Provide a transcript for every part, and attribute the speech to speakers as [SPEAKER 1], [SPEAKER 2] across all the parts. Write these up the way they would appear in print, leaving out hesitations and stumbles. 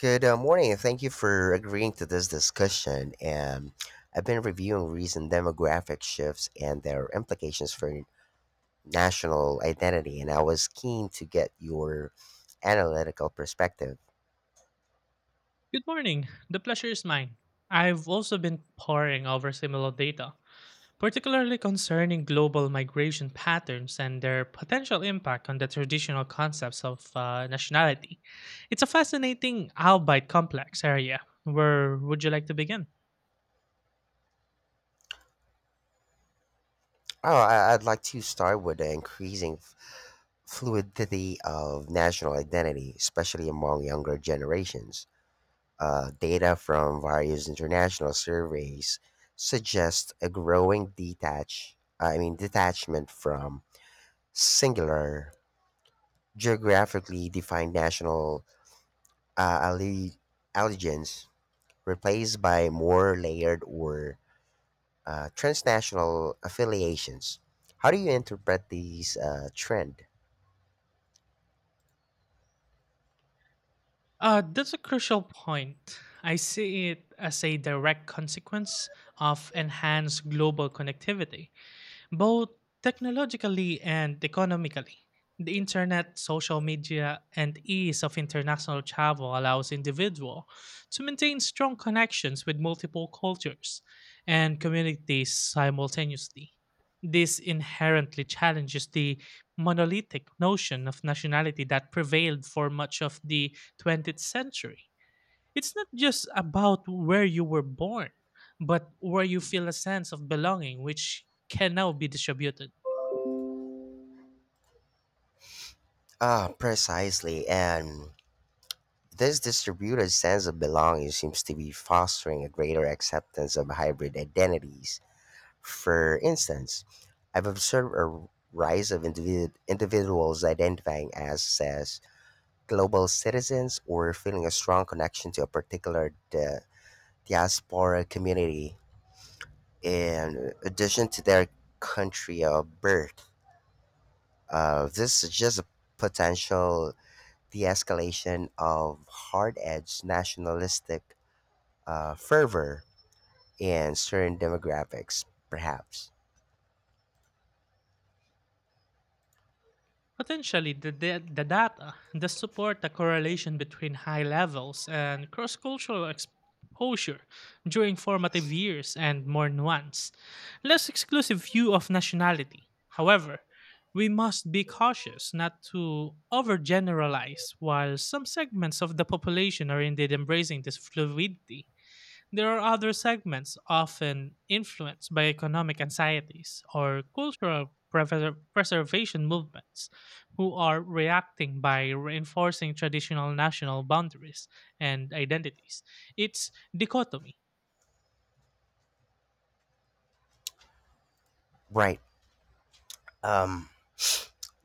[SPEAKER 1] Good morning, and thank you for agreeing to this discussion. I've been reviewing recent demographic shifts and their implications for national identity, and I was keen to get your analytical perspective.
[SPEAKER 2] Good morning. The pleasure is mine. I've also been poring over similar data, particularly concerning global migration patterns and their potential impact on the traditional concepts of nationality. It's a fascinating, albeit complex area. Where would you like to begin?
[SPEAKER 1] Oh, I'd like to start with the increasing fluidity of national identity, especially among younger generations. Data from various international surveys suggests a growing detachment from singular geographically defined national uh, alle- allegiance, replaced by more layered or transnational affiliations. How do you interpret these trend?
[SPEAKER 2] That's a crucial point. I see it as a direct consequence of enhanced global connectivity. Both technologically and economically, the internet, social media, and ease of international travel allows individuals to maintain strong connections with multiple cultures and communities simultaneously. This inherently challenges the monolithic notion of nationality that prevailed for much of the 20th century. It's not just about where you were born, but where you feel a sense of belonging, which can now be distributed.
[SPEAKER 1] Ah, precisely. And this distributed sense of belonging seems to be fostering a greater acceptance of hybrid identities. For instance, I've observed a rise of individuals identifying as global citizens or feeling a strong connection to a particular diaspora community in addition to their country of birth. This is just a potential the escalation of hard edged nationalistic fervor in certain demographics, perhaps.
[SPEAKER 2] Potentially, the data does support the correlation between high levels and cross cultural exposure during formative years and more nuanced, less exclusive view of nationality. However, we must be cautious not to overgeneralize while some segments of the population are indeed embracing this fluidity. There are other segments often influenced by economic anxieties or cultural preservation movements who are reacting by reinforcing traditional national boundaries and identities. It's dichotomy.
[SPEAKER 1] Right. Um,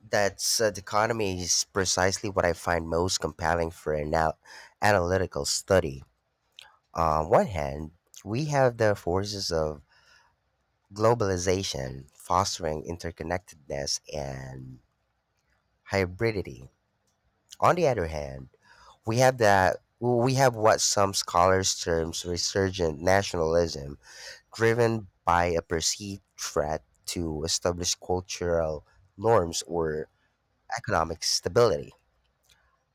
[SPEAKER 1] that's dichotomy is precisely what I find most compelling for an analytical study. On one hand, we have the forces of globalization fostering interconnectedness and hybridity. On the other hand, We have what some scholars terms resurgent nationalism, driven by a perceived threat to established cultural norms or economic stability.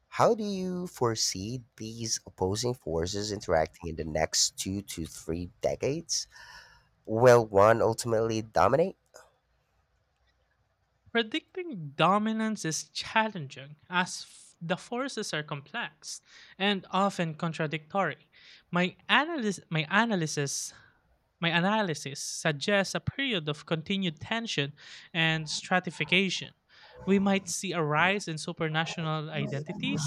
[SPEAKER 1] How do you foresee these opposing forces interacting in the next two to three decades? Will one ultimately dominate?
[SPEAKER 2] Predicting dominance is challenging as the forces are complex and often contradictory. My analysis my analysis My analysis suggests a period of continued tension and stratification. We might see a rise in supranational identities,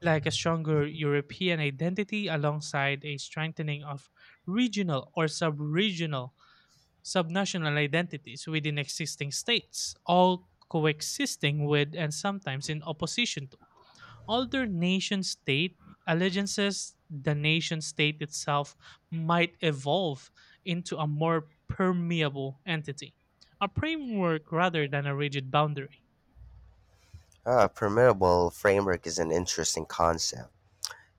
[SPEAKER 2] like a stronger European identity alongside a strengthening of regional or sub regional, subnational identities within existing states, all coexisting with and sometimes in opposition to although nation state allegiances, the nation state itself might evolve into a more permeable entity, a framework rather than a rigid boundary.
[SPEAKER 1] A permeable framework is an interesting concept.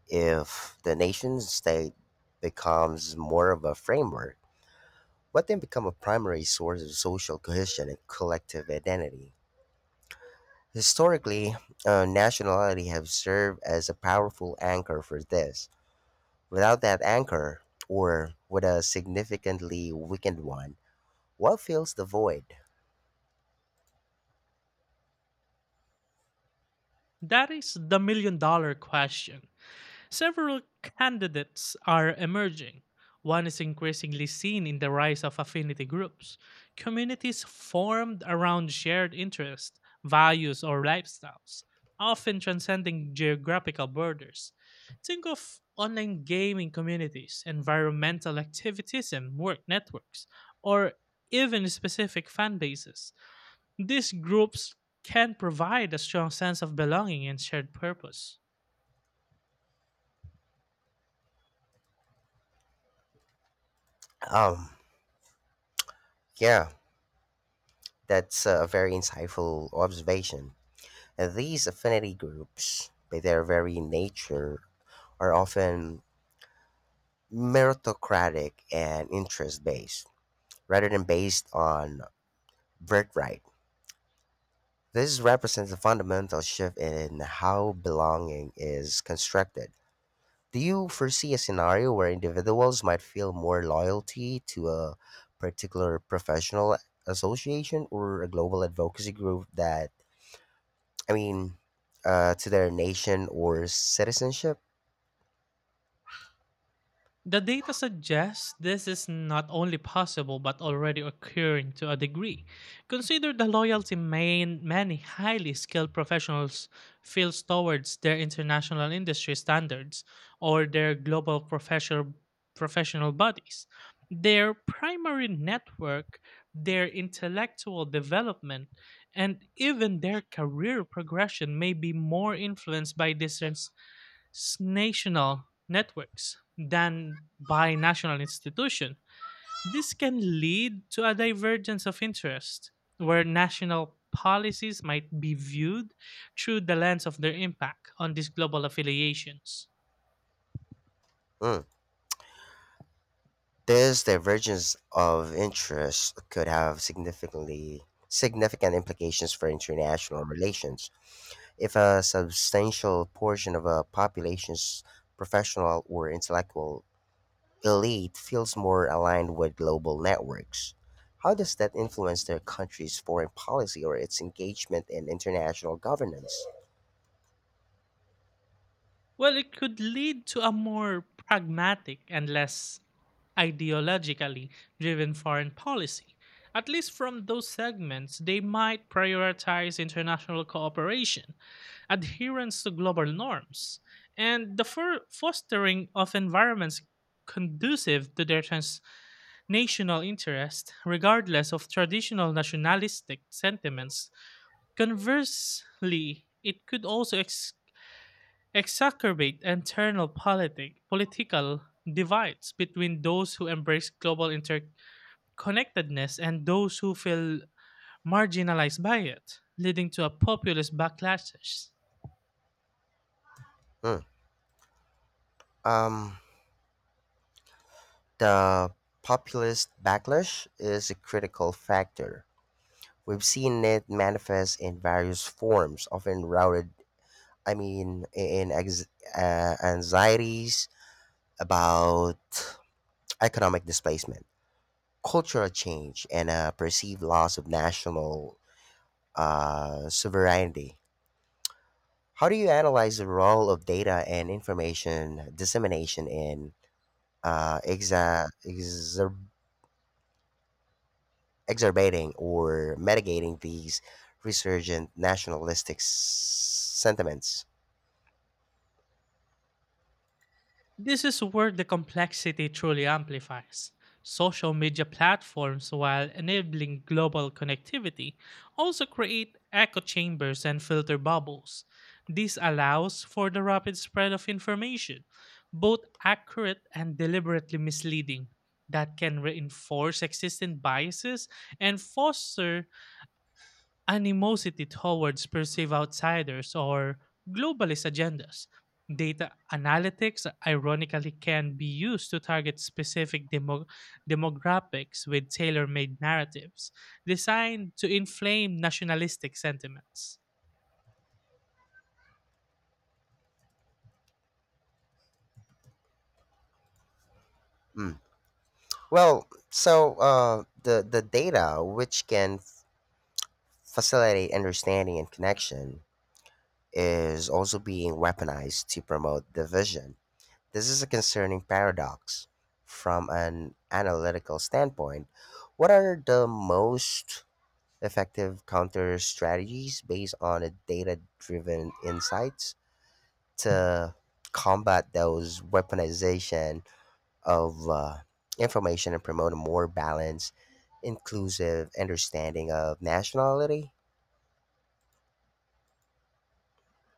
[SPEAKER 1] If the nation state becomes more of a framework, but they become a primary source of social cohesion and collective identity. Historically, nationality have served as a powerful anchor for this. Without that anchor, or with a significantly weakened one, what fills the void?
[SPEAKER 2] That is the million dollar question. Several candidates are emerging. One is increasingly seen in the rise of affinity groups, communities formed around shared interests, values, or lifestyles, often transcending geographical borders. Think of online gaming communities, environmental activism work networks, or even specific fan bases. These groups can provide a strong sense of belonging and shared purpose.
[SPEAKER 1] Um, yeah, that's a very insightful observation. And these affinity groups, by their very nature, are often meritocratic and interest based, rather than based on birthright. This represents a fundamental shift in how belonging is constructed. Do you foresee a scenario where individuals might feel more loyalty to a particular professional association or a global advocacy group that, I mean, to their nation or citizenship?
[SPEAKER 2] The data suggests this is not only possible but already occurring to a degree. Consider the loyalty many highly skilled professionals feel towards their international industry standards or their global professional bodies. Their primary network, their intellectual development, and even their career progression may be more influenced by this national networks than by national institution. This can lead to a divergence of interest where national policies might be viewed through the lens of their impact on these global affiliations.
[SPEAKER 1] Mm. This divergence of interest could have significant implications for international relations. If a substantial portion of a population's professional or intellectual elite feels more aligned with global networks, how does that influence their country's foreign policy or its engagement in international governance?
[SPEAKER 2] Well, it could lead to a more pragmatic and less ideologically driven foreign policy. At least from those segments, they might prioritize international cooperation, adherence to global norms, and the fostering of environments conducive to their transnational interest, regardless of traditional nationalistic sentiments. Conversely, it could also exacerbate internal political divides between those who embrace global interconnectedness and those who feel marginalized by it, leading to a populist backlash.
[SPEAKER 1] Hmm. Um, the populist backlash is a critical factor. We've seen it manifest in various forms, often routed, in anxieties about economic displacement, cultural change, and a perceived loss of national sovereignty. How do you analyze the role of data and information dissemination in uh, exa- exacerbating or mitigating these resurgent nationalistic sentiments.
[SPEAKER 2] This is where the complexity truly amplifies. Social media platforms, while enabling global connectivity, also create echo chambers and filter bubbles. This allows for the rapid spread of information, both accurate and deliberately misleading, that can reinforce existing biases and foster animosity towards perceived outsiders or globalist agendas. Data analytics, ironically, can be used to target specific demographics with tailor made narratives designed to inflame nationalistic sentiments.
[SPEAKER 1] Mm. So the data which can facilitate understanding and connection is also being weaponized to promote division. This is a concerning paradox from an analytical standpoint. What are the most effective counter strategies based on a data driven insights? To combat those weaponization of information and promote a more balanced, inclusive understanding of nationality?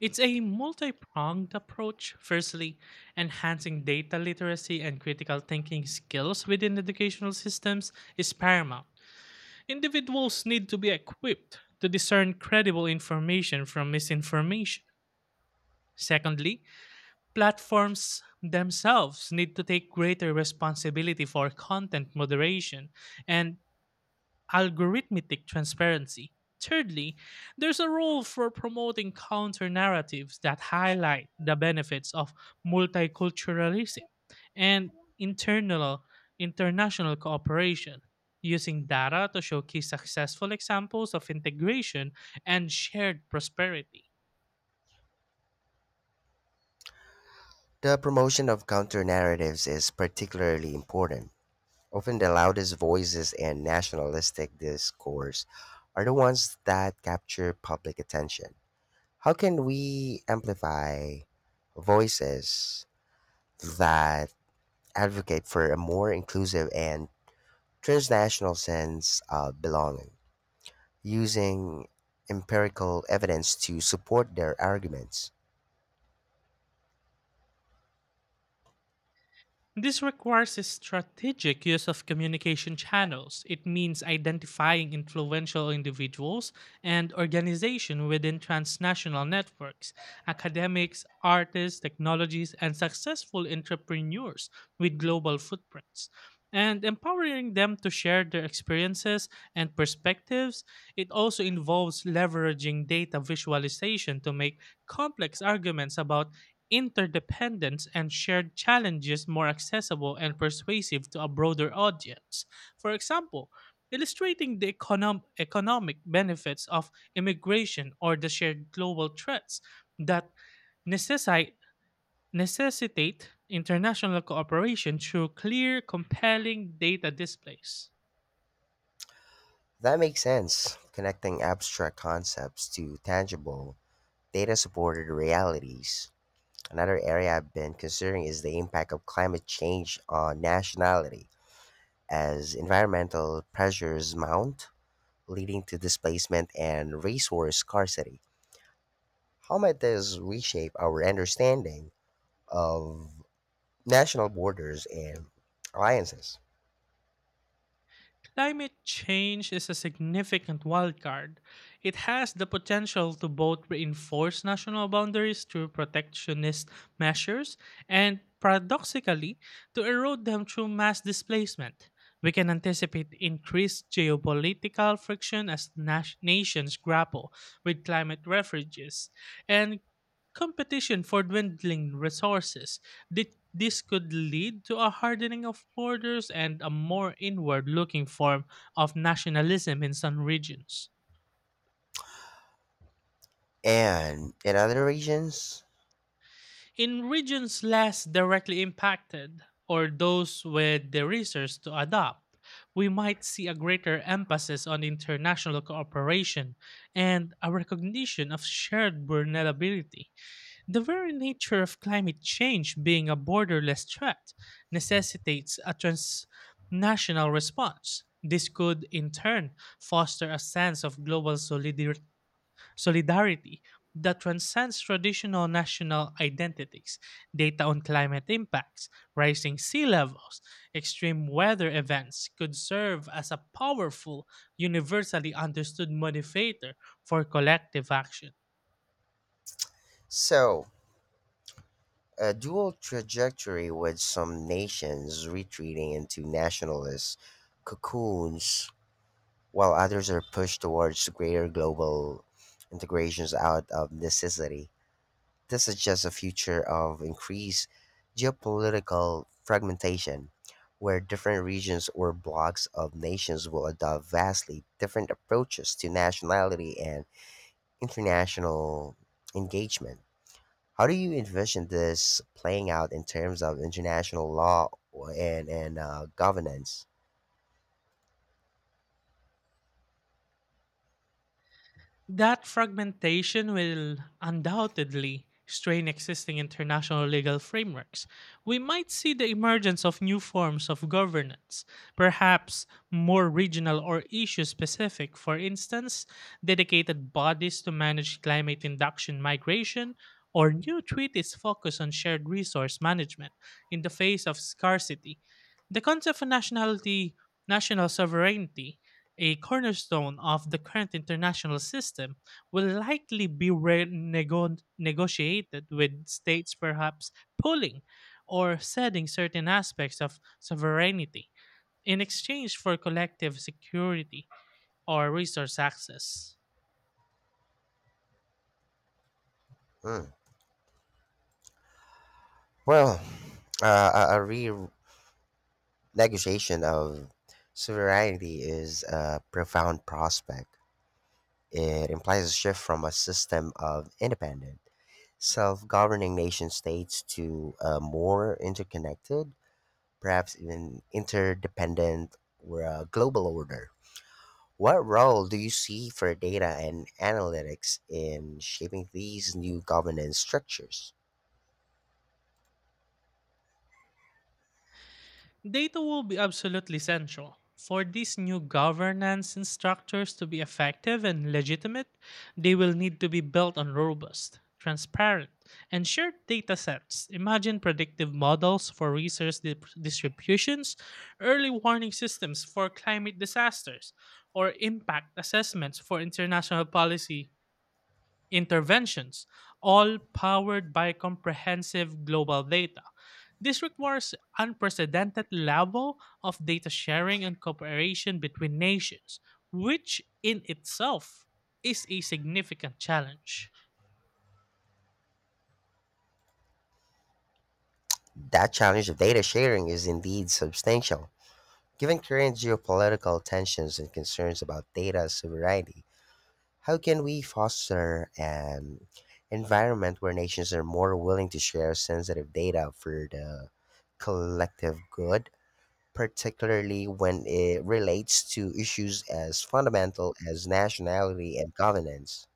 [SPEAKER 2] It's a multi pronged approach. Firstly, enhancing data literacy and critical thinking skills within educational systems is paramount. Individuals need to be equipped to discern credible information from misinformation. Secondly, platforms themselves need to take greater responsibility for content moderation and algorithmic transparency. Thirdly, there's a role for promoting counter narratives that highlight the benefits of multiculturalism and internal international cooperation, using data to showcase successful examples of integration and shared prosperity.
[SPEAKER 1] The promotion of counter narratives is particularly important. Often the loudest voices and nationalistic discourse are the ones that capture public attention. How can we amplify voices that advocate for a more inclusive and transnational sense of belonging using empirical evidence to support their arguments?
[SPEAKER 2] This requires a strategic use of communication channels. It means identifying influential individuals and organizations within transnational networks, academics, artists, technologies, and successful entrepreneurs with global footprints, and empowering them to share their experiences and perspectives. It also involves leveraging data visualization to make complex arguments about interdependence and shared challenges more accessible and persuasive to a broader audience. For example, illustrating the economic benefits of immigration or the shared global threats that necessi- necessitate international cooperation through clear, compelling data displays.
[SPEAKER 1] That makes sense, connecting abstract concepts to tangible, data supported realities. Another area I've been considering is the impact of climate change on nationality. As environmental pressures mount, leading to displacement and resource scarcity. How might this reshape our understanding of national borders and alliances?
[SPEAKER 2] Climate change is a significant wildcard. It has the potential to both reinforce national boundaries through protectionist measures and, paradoxically, to erode them through mass displacement. We can anticipate increased geopolitical friction as nations grapple with climate refuges and competition for dwindling resources. Thi- This could lead to a hardening of borders and a more inward looking form of nationalism in some regions.
[SPEAKER 1] And in other regions?
[SPEAKER 2] In regions less directly impacted, or those with the resources to adopt, we might see a greater emphasis on international cooperation and a recognition of shared vulnerability. The very nature of climate change being a borderless threat necessitates a transnational response. This could, in turn, foster a sense of global solidarity that transcends traditional national identities. Data on climate impacts, rising sea levels, extreme weather events could serve as a powerful, universally understood motivator for collective action.
[SPEAKER 1] So, a dual trajectory with some nations retreating into nationalist cocoons while others are pushed towards greater global integrations out of necessity. This suggests a future of increased geopolitical fragmentation, where different regions or blocks of nations will adopt vastly different approaches to nationality and international engagement. How do you envision this playing out in terms of international law and governance?
[SPEAKER 2] That fragmentation will undoubtedly strain existing international legal frameworks. We might see the emergence of new forms of governance, perhaps more regional or issue specific, for instance, dedicated bodies to manage climate induction migration, or new treaties focused on shared resource management in the face of scarcity. The concept of nationality, national sovereignty, a cornerstone of the current international system, will likely be negotiated with states perhaps pulling or ceding certain aspects of sovereignty in exchange for collective security or resource access.
[SPEAKER 1] Hmm. Well, a renegotiation of sovereignty is a profound prospect. It implies a shift from a system of independent, self governing nation states to a more interconnected, perhaps even interdependent, or a global order. What role do you see for data and analytics in shaping these new governance structures?
[SPEAKER 2] Data will be absolutely central. For these new governance and structures to be effective and legitimate, they will need to be built on robust, transparent, and shared data sets. Imagine predictive models for resource distributions, early warning systems for climate disasters, or impact assessments for international policy interventions, all powered by comprehensive global data. This requires unprecedented level of data sharing and cooperation between nations, which in itself is a significant challenge.
[SPEAKER 1] That challenge of data sharing is indeed substantial. Given current geopolitical tensions and concerns about data sovereignty, how can we foster an environment where nations are more willing to share sensitive data for the collective good, particularly when it relates to issues as fundamental as nationality and governance?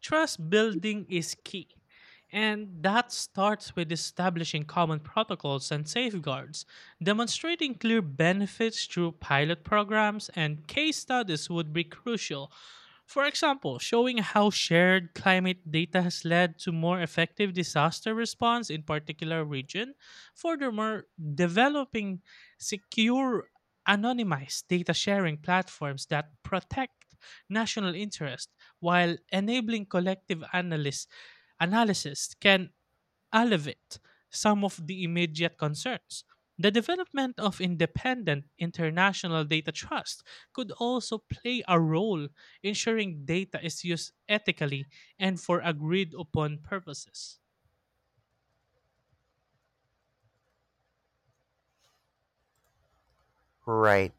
[SPEAKER 2] Trust building is key, and that starts with establishing common protocols and safeguards. Demonstrating clear benefits through pilot programs and case studies would be crucial. For example, showing how shared climate data has led to more effective disaster response in particular region. Furthermore, developing secure anonymized data sharing platforms that protect national interest while enabling collective analysis can alleviate some of the immediate concerns. The development of independent international data trust could also play a role ensuring data is used ethically and for agreed upon purposes.
[SPEAKER 1] Right.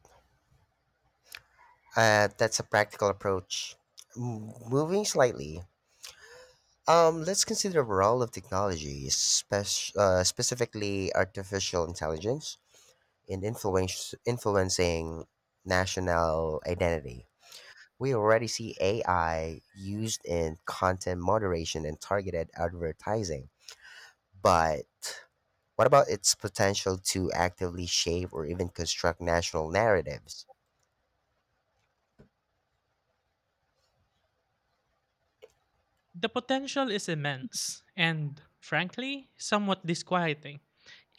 [SPEAKER 1] That's a practical approach. Moving slightly, let's consider the role of technology, specifically artificial intelligence, in influencing national identity. We already see AI used in content moderation and targeted advertising. But what about its potential to actively shape or even construct national narratives?
[SPEAKER 2] The potential is immense and, frankly, somewhat disquieting.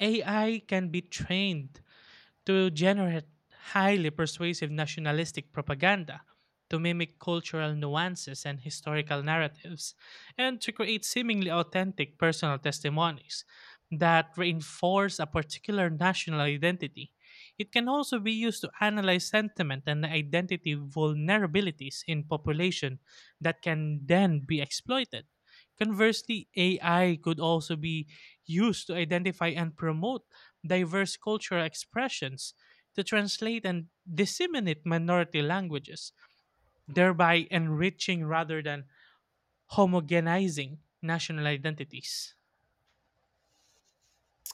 [SPEAKER 2] AI can be trained to generate highly persuasive nationalistic propaganda, to mimic cultural nuances and historical narratives, and to create seemingly authentic personal testimonies that reinforce a particular national identity. It can also be used to analyze sentiment and identity vulnerabilities in population that can then be exploited. Conversely, AI could also be used to identify and promote diverse cultural expressions to translate and disseminate minority languages, thereby enriching rather than homogenizing national identities.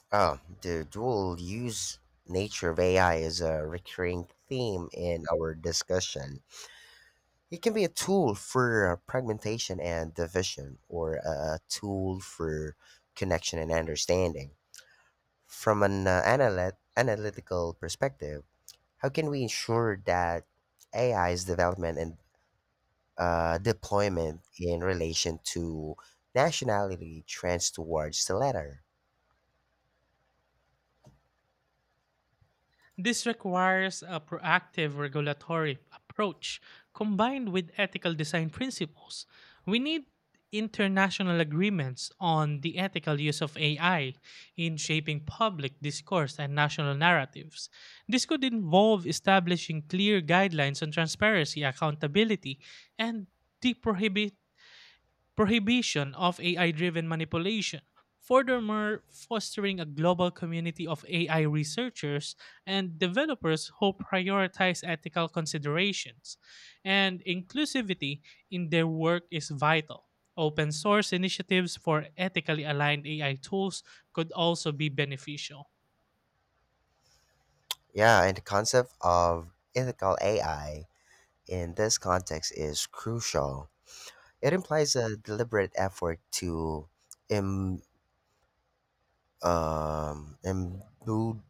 [SPEAKER 1] Oh, the dual use nature of AI is a recurring theme in our discussion. It can be a tool for fragmentation and division, or a tool for connection and understanding. From an analytical perspective, how can we ensure that AI's development and deployment in relation to nationality trends towards the latter?
[SPEAKER 2] This requires a proactive regulatory approach combined with ethical design principles. We need international agreements on the ethical use of AI in shaping public discourse and national narratives. This could involve establishing clear guidelines on transparency, accountability, and the prohibition of AI driven manipulation. Furthermore, fostering a global community of AI researchers and developers who prioritize ethical considerations and inclusivity in their work is vital. Open source initiatives for ethically aligned AI tools could also be beneficial.
[SPEAKER 1] Yeah, and the concept of ethical AI in this context is crucial. It implies a deliberate effort to Im, imbue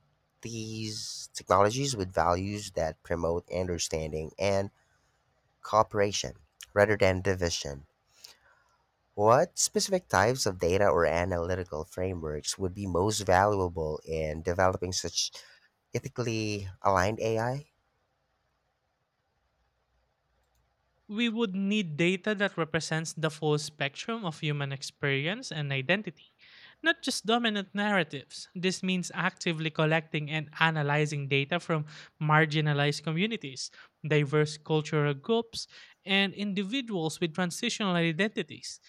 [SPEAKER 1] these technologies with values that promote understanding and cooperation rather than division. What specific types of data or analytical frameworks would be most valuable in developing such ethically aligned AI?
[SPEAKER 2] We would need data that represents the full spectrum of human experience and identity, not just dominant narratives. This means actively collecting and analyzing data from marginalized communities, diverse cultural groups, and individuals with transitional identities.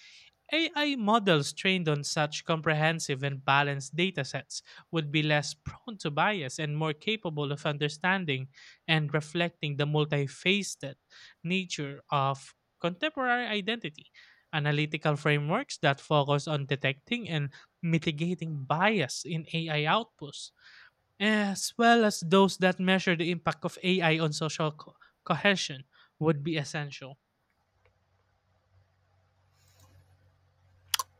[SPEAKER 2] AI models trained on such comprehensive and balanced datasets would be less prone to bias and more capable of understanding and reflecting the multifaceted nature of contemporary identity. Analytical frameworks that focus on detecting and mitigating bias in AI outputs, as well as those that measure the impact of AI on social cohesion, would be essential.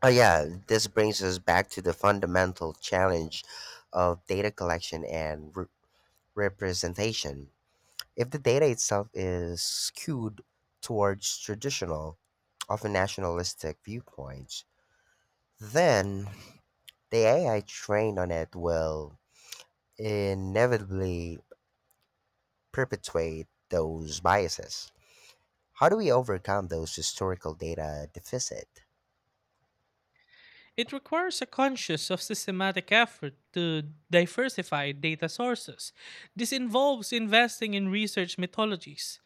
[SPEAKER 1] Oh, yeah, this brings us back to the fundamental challenge of data collection and representation. If the data itself is skewed towards traditional, often nationalistic viewpoints, then the AI trained on it will inevitably perpetuate those biases. How do we overcome those historical data deficit?
[SPEAKER 2] It requires a conscious of systematic effort to diversify data sources. This involves investing in research methodologies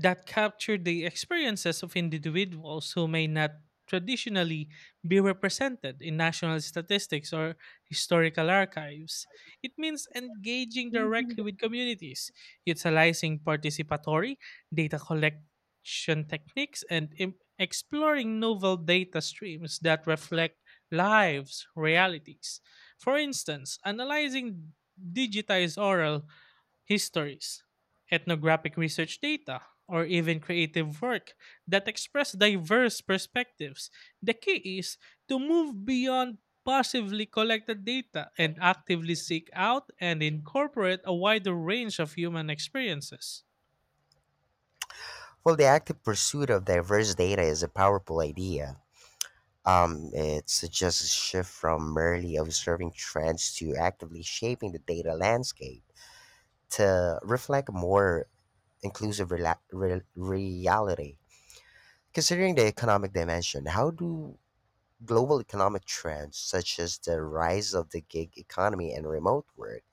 [SPEAKER 2] that capture the experiences of individuals who may not traditionally be represented in national statistics or historical archives. It means engaging directly with communities, utilizing participatory data collection techniques, and exploring novel data streams that reflect lives, realities. For instance, analyzing digitized oral histories, ethnographic research data, or even creative work that express diverse perspectives. The key is to move beyond passively collected data and actively seek out and incorporate a wider range of human experiences.
[SPEAKER 1] Well, the active pursuit of diverse data is a powerful idea. It suggests a shift from merely observing trends to actively shaping the data landscape to reflect more inclusive reality. Considering the economic dimension, how do global economic trends such as the rise of the gig economy and remote work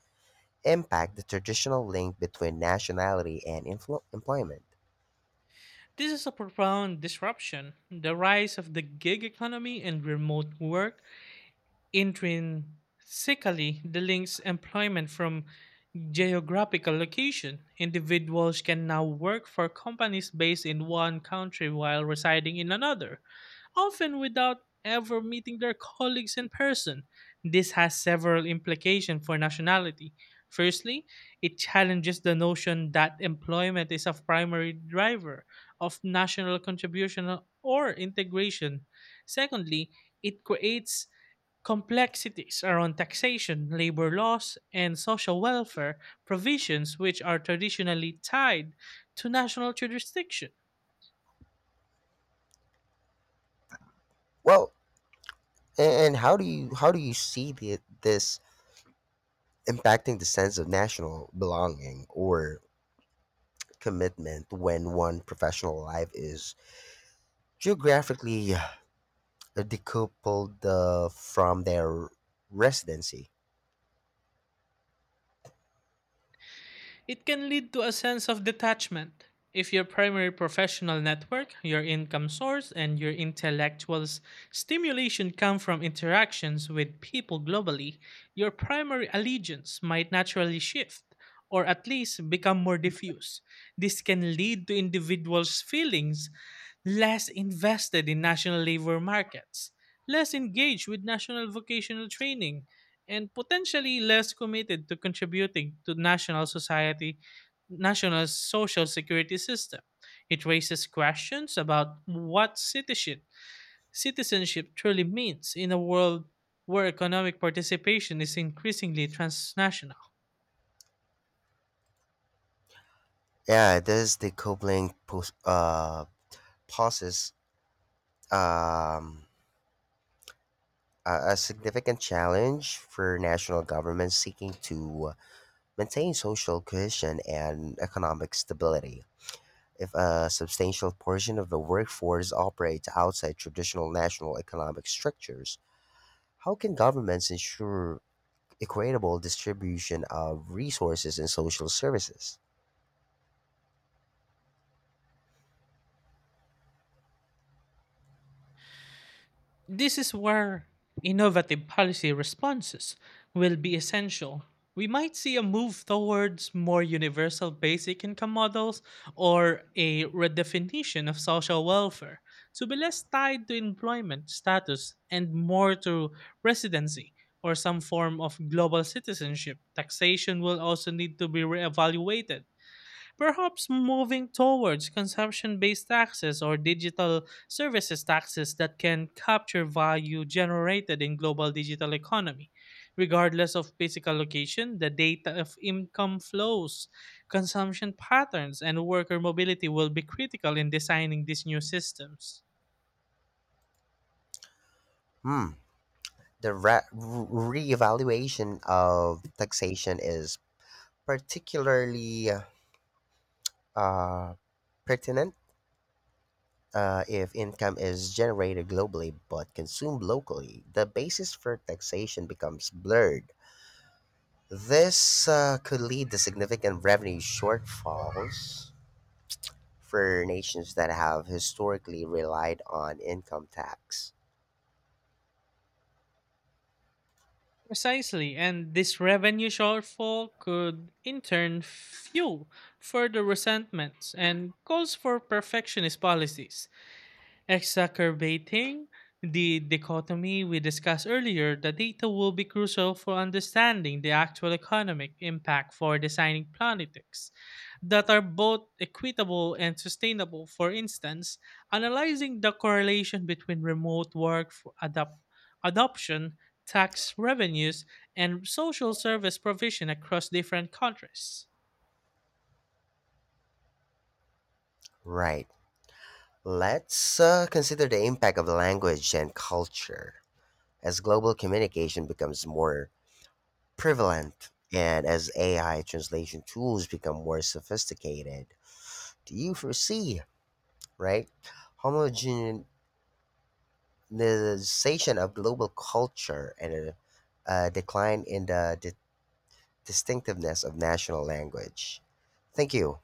[SPEAKER 1] impact the traditional link between nationality and employment?
[SPEAKER 2] This is a profound disruption. The rise of the gig economy and remote work intrinsically the links employment from geographical location. Individuals can now work for companies based in one country while residing in another, often without ever meeting their colleagues in person. This has several implications for nationality. Firstly, it challenges the notion that employment is a primary driver of national contribution or integration. Secondly, it creates complexities around taxation, labor laws, and social welfare provisions which are traditionally tied to national jurisdiction.
[SPEAKER 1] Well, and how do you see this impacting the sense of national belonging or commitment when one professional life is geographically decoupled from their residency?
[SPEAKER 2] It can lead to a sense of detachment. If your primary professional network, your income source, and your intellectual stimulation come from interactions with people globally, your primary allegiance might naturally shift or at least become more diffuse. This can lead to individuals' feelings less invested in national labor markets, less engaged with national vocational training, and potentially less committed to contributing to national society national social security system. It raises questions about what citizenship truly means in a world where economic participation is increasingly transnational.
[SPEAKER 1] Yeah, this decoupling pos- uh, poses um, a, a significant challenge for national governments seeking to maintain social cohesion and economic stability. If a substantial portion of the workforce operates outside traditional national economic structures, how can governments ensure equitable distribution of resources and social services?
[SPEAKER 2] This is where innovative policy responses will be essential. We might see a move towards more universal basic income models or a redefinition of social welfare to be less tied to employment status and more to residency or some form of global citizenship. Taxation will also need to be reevaluated. Perhaps moving towards consumption based taxes or digital services taxes that can capture value generated in global digital economy, regardless of physical location. The data of income flows, consumption patterns, and worker mobility will be critical in designing these new systems.
[SPEAKER 1] Hmm, the reevaluation of taxation is particularly uh, pertinent if income is generated globally but consumed locally. The basis for taxation becomes blurred. This could lead to significant revenue shortfalls for nations that have historically relied on income tax.
[SPEAKER 2] Precisely, and this revenue shortfall could in turn fuel further resentments and calls for perfectionist policies, exacerbating the dichotomy we discussed earlier. The data will be crucial for understanding the actual economic impact for designing politics that are both equitable and sustainable. For instance, analyzing the correlation between remote work adoption, tax revenues, and social service provision across different countries.
[SPEAKER 1] Right. Let's consider the impact of language and culture. As global communication becomes more prevalent, and as AI translation tools become more sophisticated, do you foresee, right, homogenization of global culture and a decline in the distinctiveness of national language? Thank you.